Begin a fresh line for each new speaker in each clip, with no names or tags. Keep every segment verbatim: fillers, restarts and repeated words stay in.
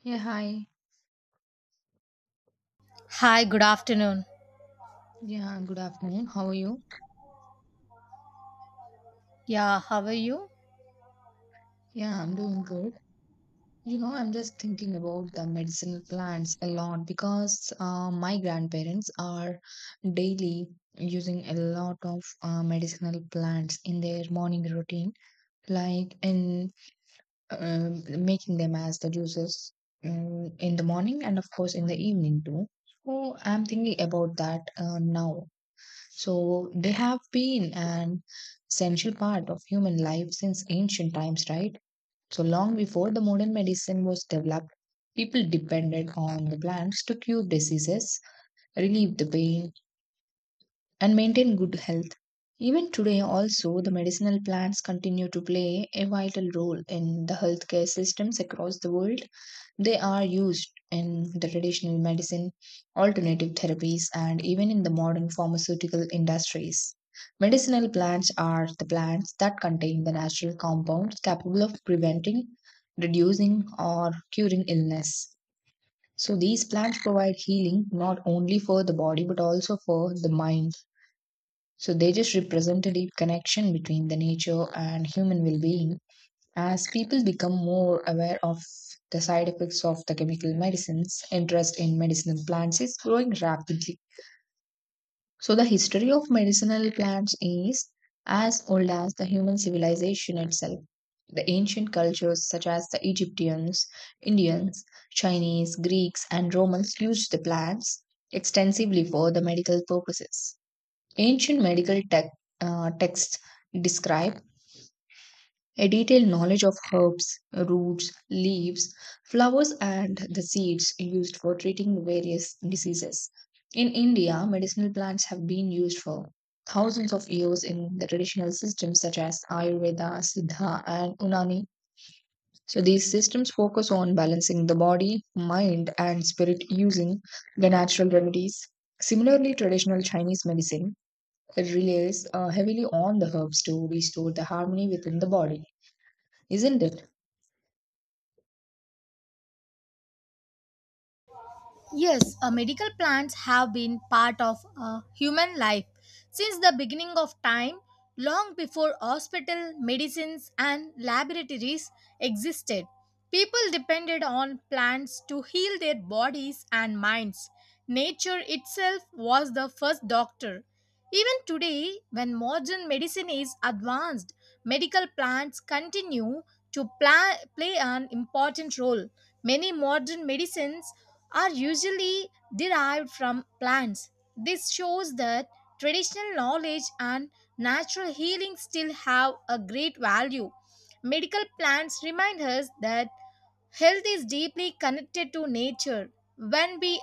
Yeah, hi.
Hi, good afternoon.
Yeah, good afternoon. How are you?
Yeah, how are you?
Yeah, I'm doing good. You know, I'm just thinking about the medicinal plants a lot because uh, my grandparents are daily using a lot of uh, medicinal plants in their morning routine, like in um, making them as the juices um, in the morning and, of course, in the evening too. So I'm thinking about that uh, now. So they have been an essential part of human life since ancient times, right? So long before the modern medicine was developed, people depended on the plants to cure diseases, relieve the pain, and maintain good health. Even today, also, the medicinal plants continue to play a vital role in the healthcare systems across the world. They are used in the traditional medicine, alternative therapies, and even in the modern pharmaceutical industries. Medicinal plants are the plants that contain the natural compounds capable of preventing, reducing, or curing illness. So, these plants provide healing not only for the body but also for the mind. So, they just represent a deep connection between the nature and human well being as people become more aware of the side effects of the chemical medicines, interest in medicinal plants is growing rapidly. So, the history of medicinal plants is as old as the human civilization itself. The ancient cultures, such as the Egyptians, Indians, Chinese, Greeks, and Romans, used the plants extensively for the medical purposes. Ancient medical tech, uh, texts describe a detailed knowledge of herbs, roots, leaves, flowers, and the seeds used for treating various diseases. In India, medicinal plants have been used for thousands of years in the traditional systems such as Ayurveda, Siddha, and Unani. So, these systems focus on balancing the body, mind, and spirit using the natural remedies. Similarly, traditional Chinese medicine relies uh, heavily on the herbs to restore the harmony within the body, isn't it?
Yes, uh, medical plants have been part of uh, human life since the beginning of time, long before hospital, medicines, and laboratories existed. People depended on plants to heal their bodies and minds. Nature itself was the first doctor. Even today, when modern medicine is advanced, medical plants continue to pla- play an important role. Many modern medicines are usually derived from plants. This shows that traditional knowledge and natural healing still have a great value. Medical plants remind us that health is deeply connected to nature. When we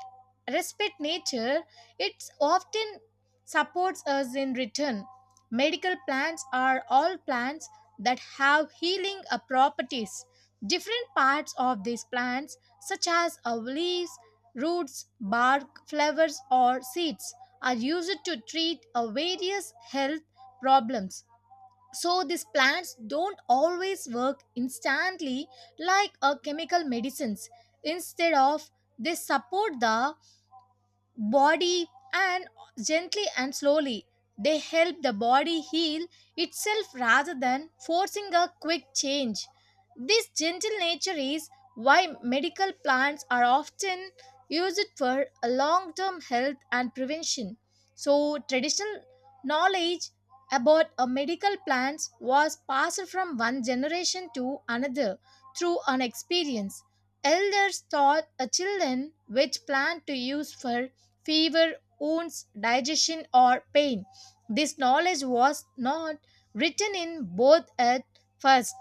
respect nature, it often supports us in return. Medical plants are all plants that have healing uh, properties. Different parts of these plants, such as uh, leaves, roots, bark, flowers, or seeds, are used to treat uh, various health problems. So these plants don't always work instantly like a chemical medicines. Instead of, they support the body, and gently and slowly they help the body heal itself rather than forcing a quick change. This gentle nature is why medical plants are often used for long term health and prevention. So traditional knowledge about a medical plants was passed from one generation to another through an experience. Elders taught a children which plant to use for fever, wounds, digestion, or pain. This knowledge was not written in both at first,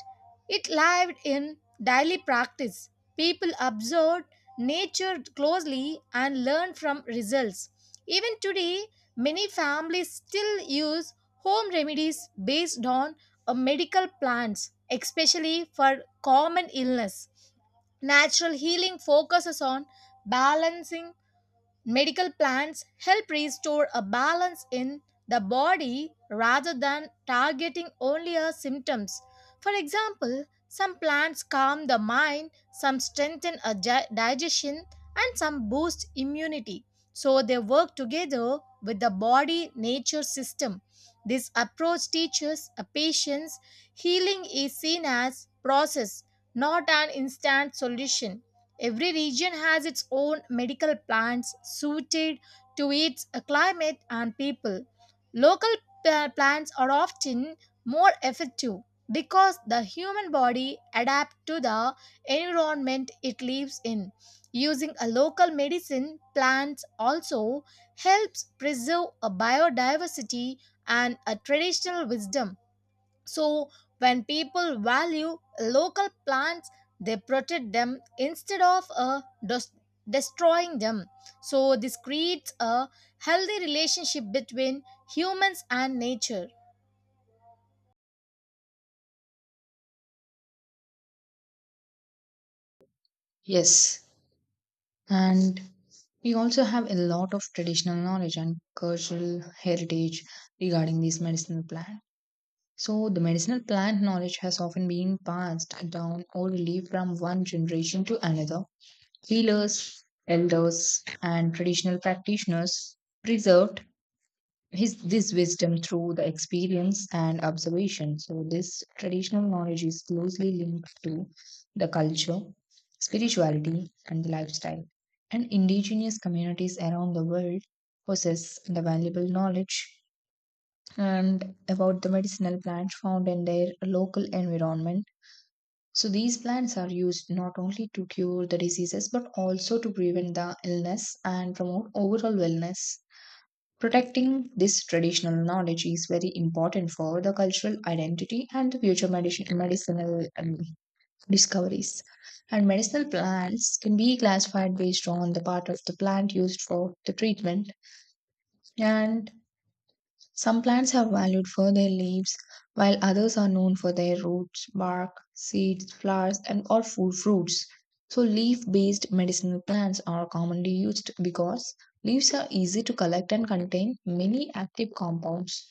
it lived in daily practice. People observed nature closely and learned from results. Even today, many families still use home remedies based on uh, medical plants, especially for common illness. Natural healing focuses on balancing. Medical plants help restore a balance in the body rather than targeting only our symptoms. For example, some plants calm the mind, some strengthen a gi- digestion, and some boost immunity. So they work together with the body nature system. This approach teaches a patient's healing is seen as process, not an instant solution. Every region has its own medical plants suited to its uh, climate and people. Local uh, plants are often more effective because the human body adapts to the environment it lives in. Using a local medicine plants also helps preserve a biodiversity and a traditional wisdom. So, when people value local plants, they protect them instead of uh, des- destroying them. So, this creates a healthy relationship between humans and nature.
Yes, and we also have a lot of traditional knowledge and cultural heritage regarding these medicinal plant. So the medicinal plant knowledge has often been passed down orally from one generation to another. Healers, elders, and traditional practitioners preserved his this wisdom through the experience and observation. So this traditional knowledge is closely linked to the culture, spirituality, and the lifestyle. And indigenous communities around the world possess the valuable knowledge and about the medicinal plants found in their local environment. So these plants are used not only to cure the diseases but also to prevent the illness and promote overall wellness. Protecting this traditional knowledge is very important for the cultural identity and the future medici- medicinal um, discoveries. And medicinal plants can be classified based on the part of the plant used for the treatment and some plants are valued for their leaves, while others are known for their roots, bark, seeds, flowers, and or full fruits. So, leaf based medicinal plants are commonly used because leaves are easy to collect and contain many active compounds.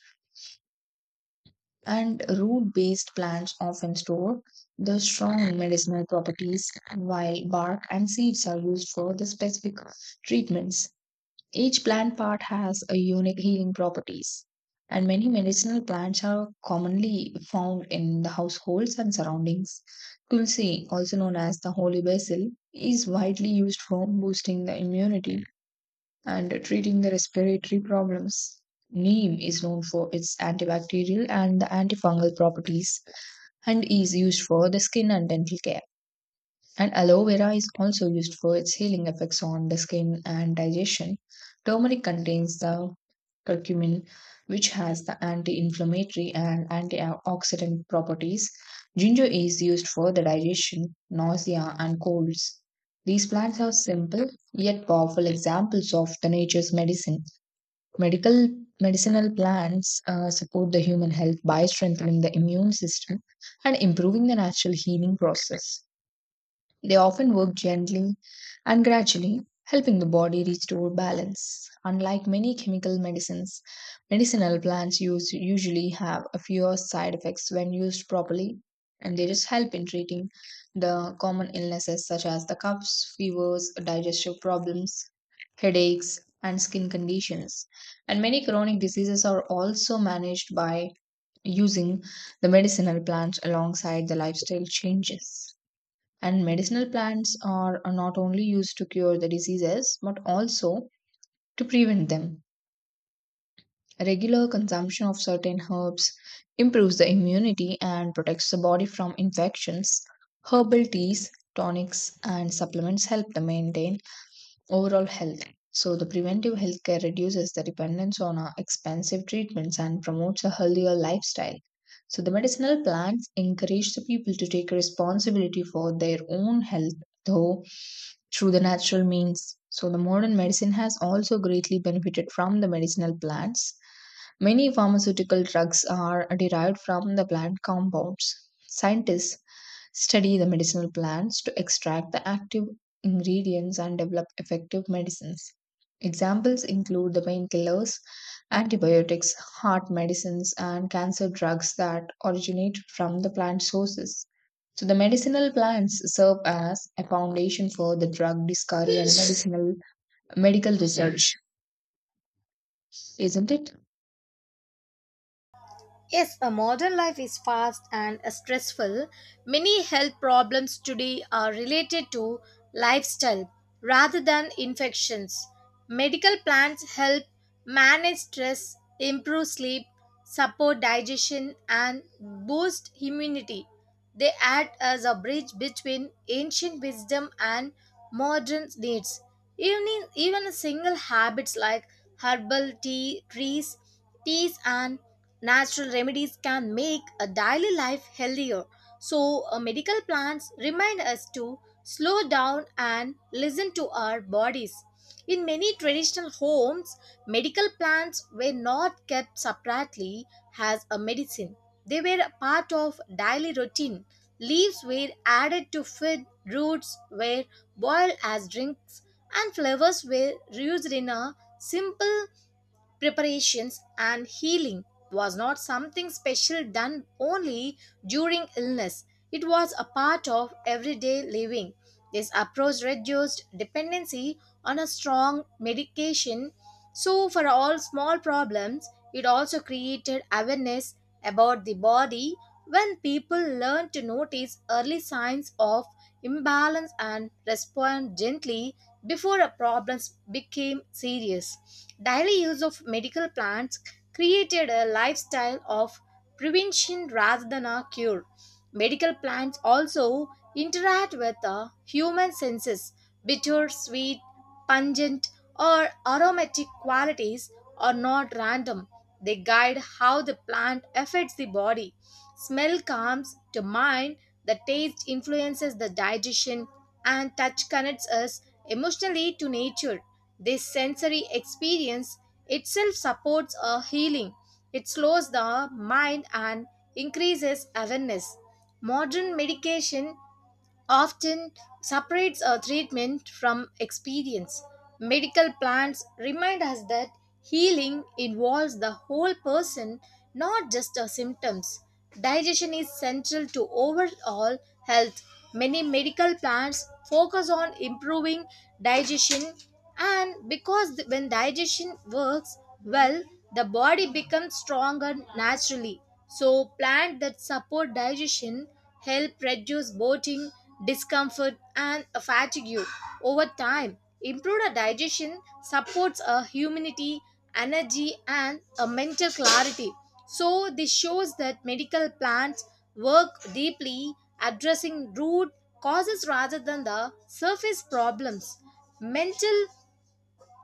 And root based plants often store the strong medicinal properties, while bark and seeds are used for the specific treatments. Each plant part has a unique healing properties, and many medicinal plants are commonly found in the households and surroundings. Tulsi, also known as the holy basil, is widely used for boosting the immunity and treating the respiratory problems. Neem is known for its antibacterial and the antifungal properties and is used for the skin and dental care. And aloe vera is also used for its healing effects on the skin and digestion. Turmeric contains the curcumin, which has the anti inflammatory and antioxidant properties. Ginger is used for the digestion, nausea, and colds. These plants are simple yet powerful examples of the nature's medicine. Medical medicinal plants uh, support the human health by strengthening the immune system and improving the natural healing process. They often work gently and gradually, helping the body restore balance. Unlike many chemical medicines, medicinal plants use usually have a fewer side effects when used properly, and they just help in treating the common illnesses such as the coughs, fevers, digestive problems, headaches, and skin conditions. And many chronic diseases are also managed by using the medicinal plants alongside the lifestyle changes. And medicinal plants are are not only used to cure the diseases, but also to prevent them. Regular consumption of certain herbs improves the immunity and protects the body from infections. Herbal teas, tonics, and supplements help to maintain overall health. So, the preventive healthcare reduces the dependence on uh, expensive treatments and promotes a healthier lifestyle. So, the medicinal plants encourage the people to take responsibility for their own health, though through the natural means. So, the modern medicine has also greatly benefited from the medicinal plants. Many pharmaceutical drugs are derived from the plant compounds. Scientists study the medicinal plants to extract the active ingredients and develop effective medicines. Examples include the painkillers, antibiotics, heart medicines, and cancer drugs that originate from the plant sources. So, the medicinal plants serve as a foundation for the drug discovery and medicinal medical research, isn't it?
Yes, a modern life is fast and stressful. Many health problems today are related to lifestyle rather than infections. Medical plans help manage stress, improve sleep, support digestion, and boost immunity. They act as a bridge between ancient wisdom and modern needs. Even, in- even single habits like herbal tea, trees, teas, and natural remedies can make a daily life healthier. So, uh, medical plants remind us to slow down and listen to our bodies. In many traditional homes, medical plants were not kept separately as a medicine. They were a part of daily routine. Leaves were added to food, roots were boiled as drinks, and flowers were used in a simple preparations, and healing was not something special done only during illness. It was a part of everyday living. This approach reduced dependency on a strong medication, so for all small problems. It also created awareness about the body, when people learn to notice early signs of imbalance and respond gently before a problems became serious. Daily use of medical plants created a lifestyle of prevention rather than a cure. Medical plants also interact with the human senses. Bitter, sweet, pungent, or aromatic qualities are not random. They guide how the plant affects the body. Smell comes to mind, the taste influences the digestion, and touch connects us emotionally to nature. This sensory experience itself supports a healing. It slows the mind and increases awareness. Modern medication often separates a treatment from experience. Medical plans remind us that healing involves the whole person, not just the symptoms. Digestion is central to overall health. Many medical plans focus on improving digestion, and because th- when digestion works well, the body becomes stronger naturally. So, plants that support digestion help reduce bloating, discomfort, and fatigue over time. Improved digestion supports a humidity, energy, and a mental clarity. So this shows that medical plants work deeply addressing root causes rather than the surface problems. Mental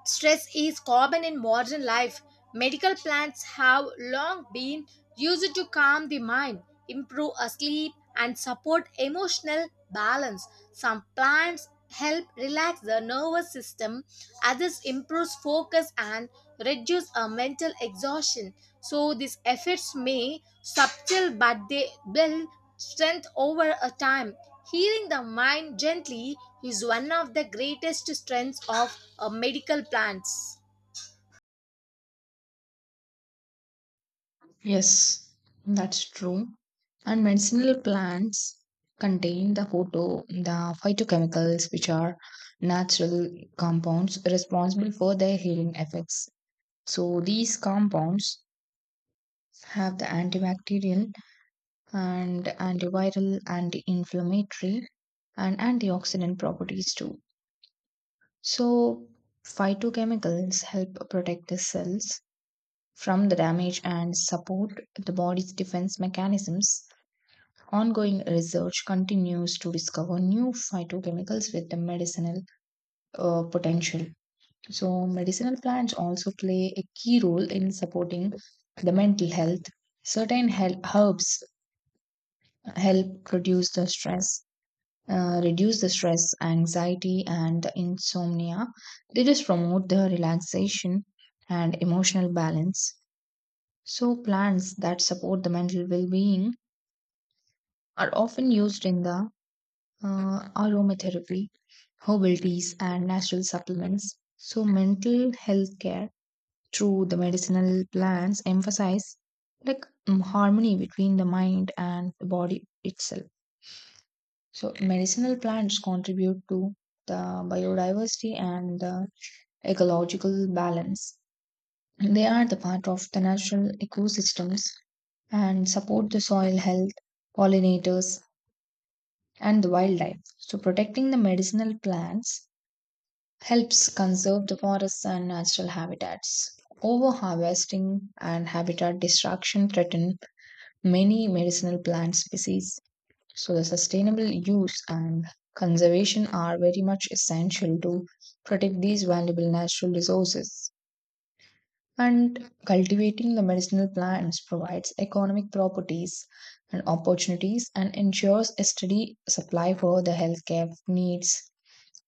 stress is common in modern life. Medical plants have long been used to calm the mind, improve sleep, and support emotional balance. Some plants help relax the nervous system, others improve focus and reduce a mental exhaustion. So these efforts may subtle but they build strength over a time. Healing the mind gently is one of the greatest strengths of uh, medical plants.
Yes, that's true. And medicinal plants contain the photo, the phytochemicals, which are natural compounds responsible for their healing effects. So these compounds have the antibacterial and antiviral, anti-inflammatory, and antioxidant properties too. So phytochemicals help protect the cells from the damage and support the body's defense mechanisms. Ongoing research continues to discover new phytochemicals with the medicinal uh, potential. So, medicinal plants also play a key role in supporting the mental health. Certain hel- herbs help reduce the stress, uh, reduce the stress, anxiety, and insomnia. They just promote the relaxation and emotional balance. So, plants that support the mental well being are often used in the uh, Mhm. Aromatherapy, herbal teas, and natural supplements. So, mental health care through the medicinal plants emphasize like mm, harmony between the mind and the body itself. So, medicinal plants contribute to the biodiversity and the ecological balance. They are the part of the natural ecosystems and support the soil health, pollinators, and the wildlife. So, protecting the medicinal plants helps conserve the forests and natural habitats. Overharvesting and habitat destruction threaten many medicinal plant species. So, the sustainable use and conservation are very much essential to protect these valuable natural resources. And cultivating the medicinal plants provides economic properties and opportunities and ensures a steady supply for the healthcare needs.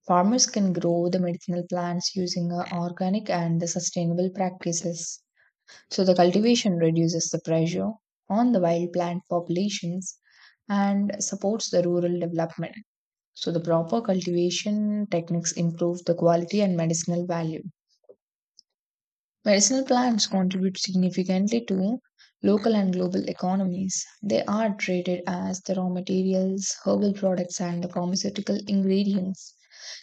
Farmers can grow the medicinal plants using uh, organic and the sustainable practices. So the cultivation reduces the pressure on the wild plant populations and supports the rural development. So the proper cultivation techniques improve the quality and medicinal value. Medicinal plants contribute significantly to local and global economies. They are traded as the raw materials, herbal products, and the pharmaceutical ingredients.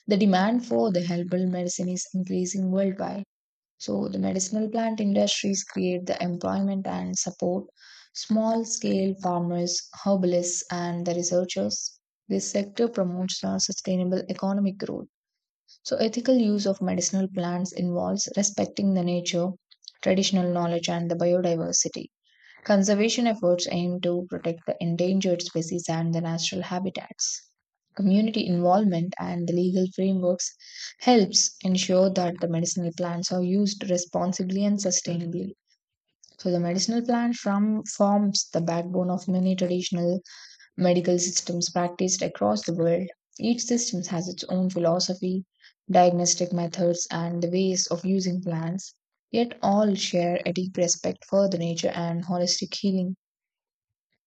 The demand for the herbal medicine is increasing worldwide. So, the medicinal plant industries create the employment and support small scale farmers, herbalists, and the researchers. This sector promotes the sustainable economic growth. So, ethical use of medicinal plants involves respecting the nature, traditional knowledge, and the biodiversity. Conservation efforts aim to protect the endangered species and the natural habitats. Community involvement and the legal frameworks helps ensure that the medicinal plants are used responsibly and sustainably. So the medicinal plant from forms the backbone of many traditional medical systems practiced across the world. Each system has its own philosophy, diagnostic methods, and the ways of using plants, yet all share a deep respect for the nature and holistic healing.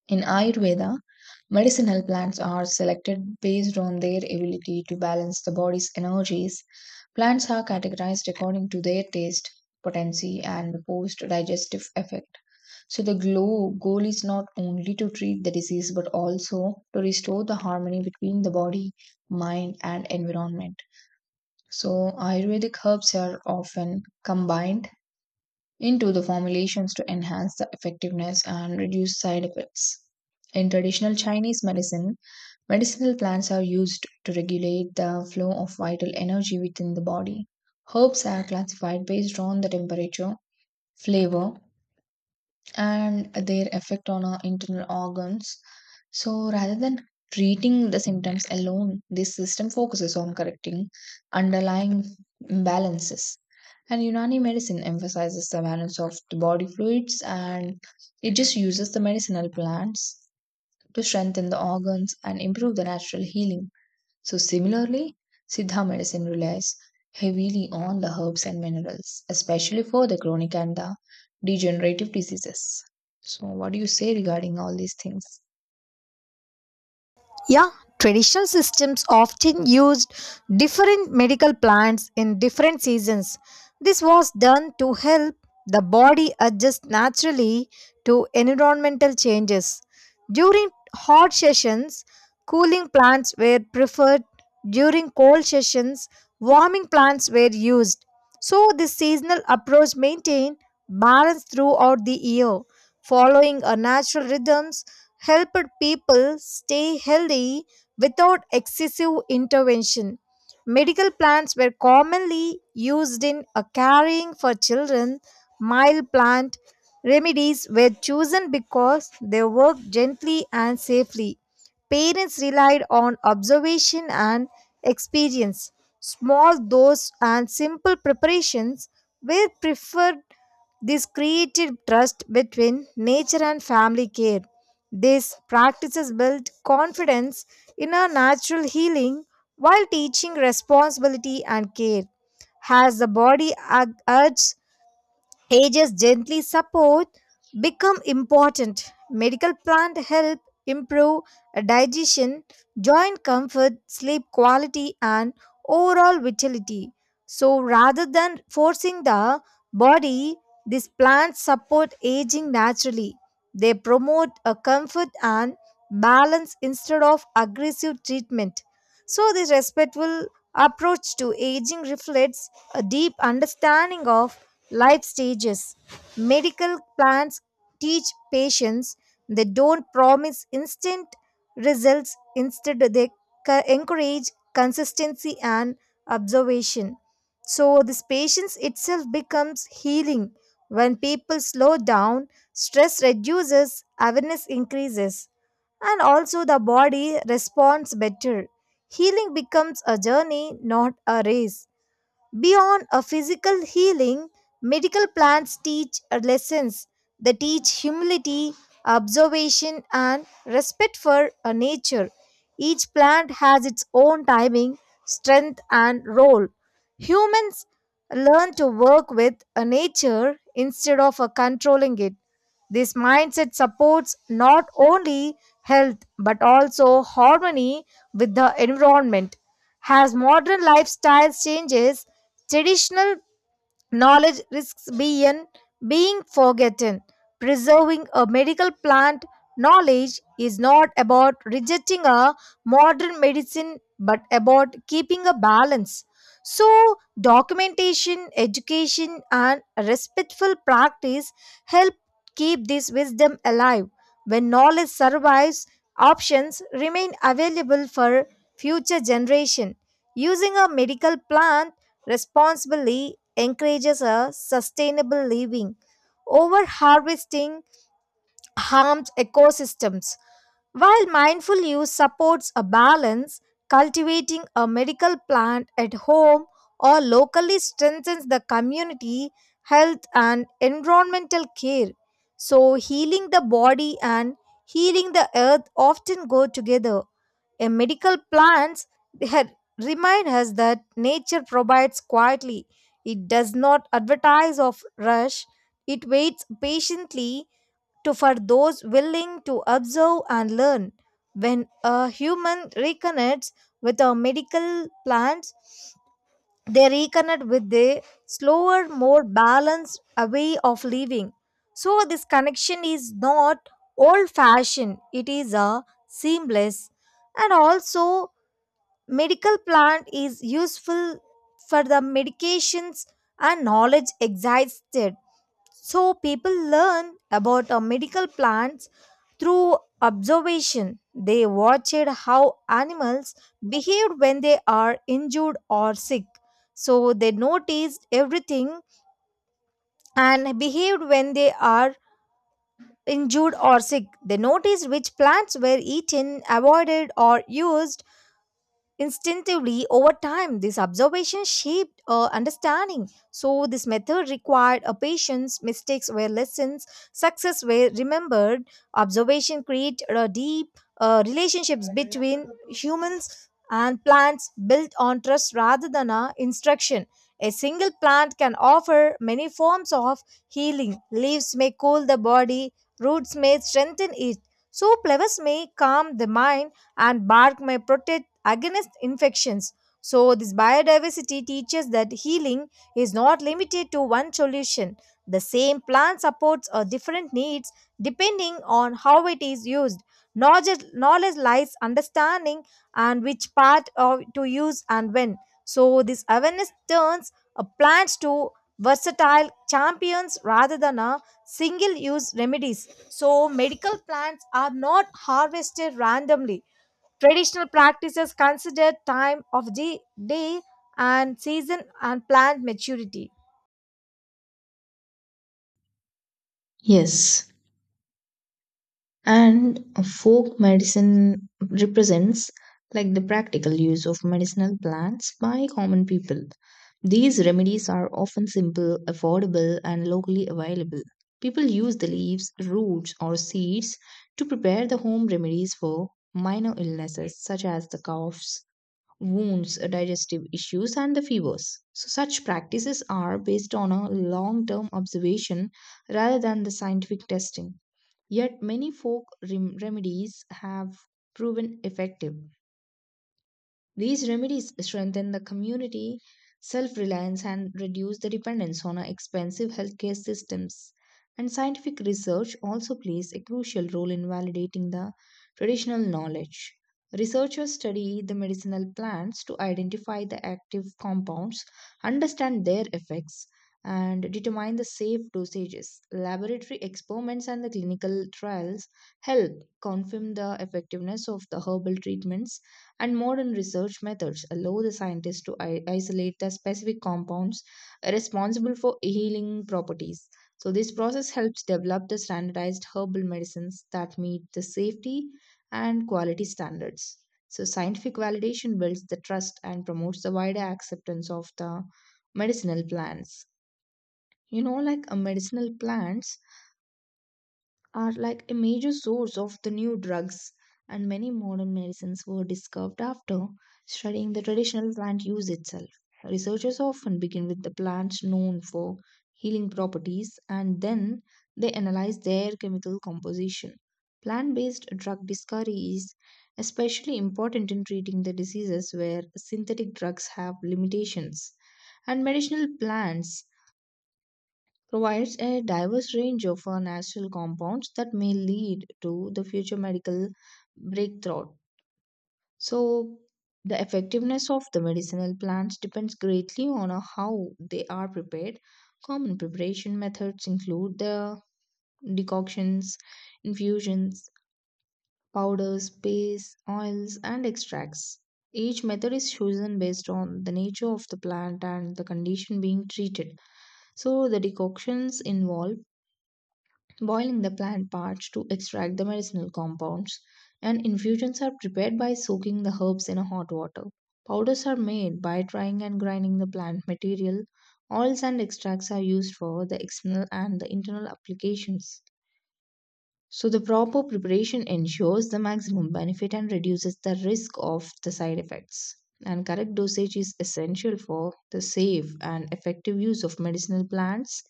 In Ayurveda, medicinal plants are selected based on their ability to balance the body's energies. Plants are categorized according to their taste, potency, and post digestive effect. So the glow, goal is not only to treat the disease but also to restore the harmony between the body, mind, and environment. So Ayurvedic herbs are often combined into the formulations to enhance the effectiveness and reduce side effects. In traditional Chinese medicine, medicinal plants are used to regulate the flow of vital energy within the body. Herbs are classified based on the temperature, flavor, and their effect on our internal organs. So rather than treating the symptoms alone, this system focuses on correcting underlying imbalances. And Unani medicine emphasizes the balance of the body fluids and it just uses the medicinal plants to strengthen the organs and improve the natural healing. So, similarly, Siddha medicine relies heavily on the herbs and minerals, especially for the chronic and the degenerative diseases. So, what do you say regarding all these things?
Yeah, traditional systems often used different medical plants in different seasons. This was done to help the body adjust naturally to environmental changes. During hot sessions, cooling plants were preferred. During cold sessions, warming plants were used. So, this seasonal approach maintained balance throughout the year, following a natural rhythm helped people stay healthy without excessive intervention. Medical plants were commonly used in a caring for children. Mild plant remedies were chosen because they worked gently and safely. Parents relied on observation and experience. Small doses and simple preparations were preferred. This created trust between nature and family care. These practices built confidence in our natural healing while teaching responsibility and care. As the body ag- urges ages gently support become important. Medical plant help improve digestion, joint comfort, sleep quality, and overall vitality. So rather than forcing the body, these plants support aging naturally. They promote a comfort and balance instead of aggressive treatment. So, this respectful approach to aging reflects a deep understanding of life stages. Medical plans teach patients. They don't promise instant results, instead, they co- encourage consistency and observation. So, this patience itself becomes healing. When people slow down, stress reduces, awareness increases, and also the body responds better. Healing becomes a journey, not a race. Beyond a physical healing, medical plants teach lessons. They teach humility, observation, and respect for uh, nature. Each plant has its own timing, strength, and role. Humans learn to work with uh, nature instead of uh, controlling it. This mindset supports not only health but also harmony with the environment. As modern lifestyle changes, traditional knowledge risks being, being forgotten. Preserving a medical plant knowledge is not about rejecting a modern medicine but about keeping a balance. So, documentation, education, and respectful practice help keep this wisdom alive. When knowledge survives, options remain available for future generation. Using a medical plant responsibly encourages a sustainable living. Over harvesting harms ecosystems while mindful use supports a balance, cultivating a medical plant at home or locally strengthens the community, health, and environmental care. So, healing the body and healing the earth often go together. A medical plants had- remind us that nature provides quietly. It does not advertise of rush. It waits patiently to for those willing to observe and learn. When a human reconnects with our medical plants, they reconnect with the slower, more balanced uh, way of living. So this connection is not old-fashioned; it is a seamless, and also medical plant is useful for the medications and knowledge exhausted. So people learn about uh, medical plants through observation. They watched how animals behaved when they are injured or sick. So they noticed everything and behaved when they are injured or sick. They noticed which plants were eaten, avoided, or used instinctively. Over time, this observation shaped our understanding. So, this method required a patience, mistakes were lessons, success were remembered, observation created a deep uh, relationships between humans and plants built on trust rather than a instruction. A single plant can offer many forms of healing. Leaves may cool the body, roots may strengthen it, so flowers may calm the mind, and bark may protect against infections. So, this biodiversity teaches that healing is not limited to one solution. The same plant supports a different needs depending on how it is used. Knowledge, knowledge lies understanding and which part of, to use and when. So, this awareness turns a plant to versatile champions rather than a single use remedies. So, medical plants are not harvested randomly. Traditional practices consider time of the day and season and plant maturity.
Yes. And folk medicine represents like the practical use of medicinal plants by common people. These remedies are often simple, affordable, and locally available. People use the leaves, roots, or seeds to prepare the home remedies for minor illnesses such as the coughs, wounds, digestive issues, and the fevers. So, such practices are based on a long term observation rather than the scientific testing. Yet many folk rem- remedies have proven effective. These remedies strengthen the community self reliance and reduce the dependence on our expensive healthcare systems. And scientific research also plays a crucial role in validating the traditional knowledge. Researchers study the medicinal plants to identify the active compounds, understand their effects, and determine the safe dosages. Laboratory experiments and the clinical trials help confirm the effectiveness of the herbal treatments and modern research methods allow the scientists to i- isolate the specific compounds responsible for healing properties. So, this process helps develop the standardized herbal medicines that meet the safety and quality standards. So, scientific validation builds the trust and promotes the wider acceptance of the medicinal plants. You know, like a medicinal plants are like a major source of the new drugs, and many modern medicines were discovered after studying the traditional plant use itself. Researchers often begin with the plants known for healing properties and then they analyze their chemical composition. Plant based drug discovery is especially important in treating the diseases where synthetic drugs have limitations. And medicinal plants provides a diverse range of uh, natural compounds that may lead to the future medical breakthrough. So, the effectiveness of the medicinal plants depends greatly on uh, how they are prepared. Common preparation methods include the decoctions, infusions, powders, pastes, oils, and extracts. Each method is chosen based on the nature of the plant and the condition being treated. So, the decoctions involve boiling the plant parts to extract the medicinal compounds, and infusions are prepared by soaking the herbs in a hot water. Powders are made by drying and grinding the plant material. Oils and extracts are used for the external and the internal applications. So, the proper preparation ensures the maximum benefit and reduces the risk of the side effects. And correct dosage is essential for the safe and effective use of medicinal plants.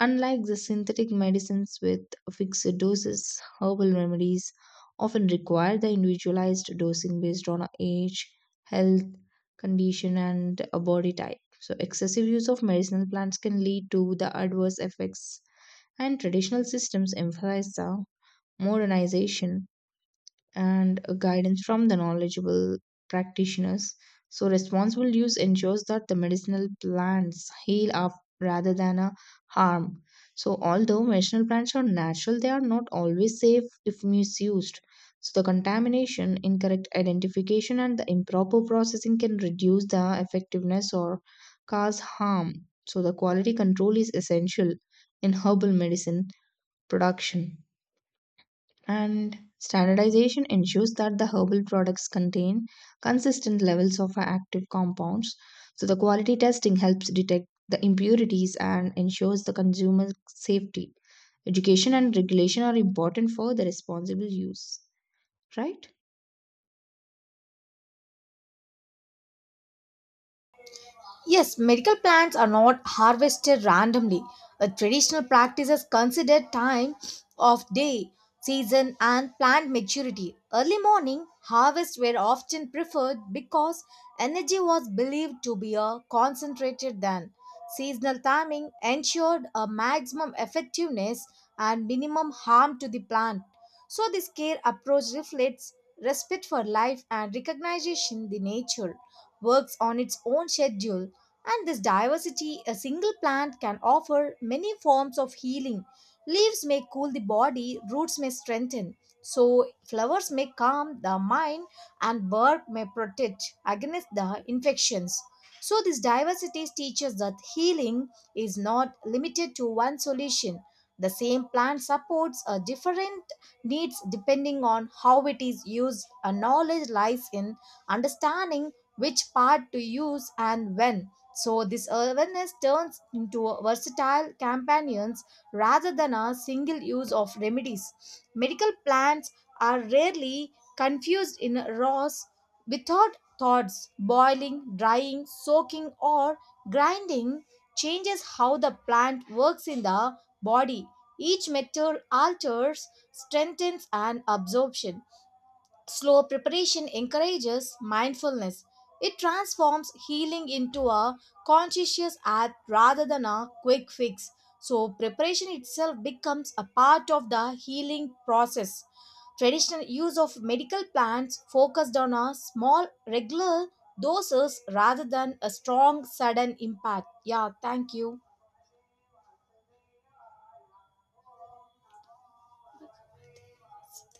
Unlike the synthetic medicines with fixed doses, herbal remedies often require the individualized dosing based on age, health, condition, and a body type. So, excessive use of medicinal plants can lead to the adverse effects, and traditional systems emphasize the modernization and a guidance from the knowledgeable practitioners. So, responsible use ensures that the medicinal plants heal up rather than a harm. So, although medicinal plants are natural, they are not always safe if misused. So, the contamination, incorrect identification, and the improper processing can reduce the effectiveness or cause harm. So, the quality control is essential in herbal medicine production and standardization ensures that the herbal products contain consistent levels of active compounds. So, the quality testing helps detect the impurities and ensures the consumer safety. Education and regulation are important for the responsible use, right?
Yes, medical plants are not harvested randomly. A traditional practice is considered time of day, season, and plant maturity. Early morning harvests were often preferred because energy was believed to be a concentrated then. Seasonal timing ensured a maximum effectiveness and minimum harm to the plant. So this care approach reflects respect for life and recognition the nature works on its own schedule. And this diversity a single plant can offer many forms of healing. Leaves may cool the body, roots may strengthen. So, flowers may calm the mind, and bark may protect against the infections. So, this diversity teaches that healing is not limited to one solution. The same plant supports a different needs depending on how it is used. A knowledge lies in understanding which part to use and when. So this awareness turns into a versatile companions rather than a single use of remedies. Medical plants are rarely confused in raws without thoughts. Boiling, drying, soaking, or grinding changes how the plant works in the body. Each method alters, strengthens, and absorption. Slow preparation encourages mindfulness. It transforms healing into a conscientious act rather than a quick fix. So, preparation itself becomes a part of the healing process. Traditional use of medical plants focused on a small, regular doses rather than a strong, sudden impact. Yeah, thank you.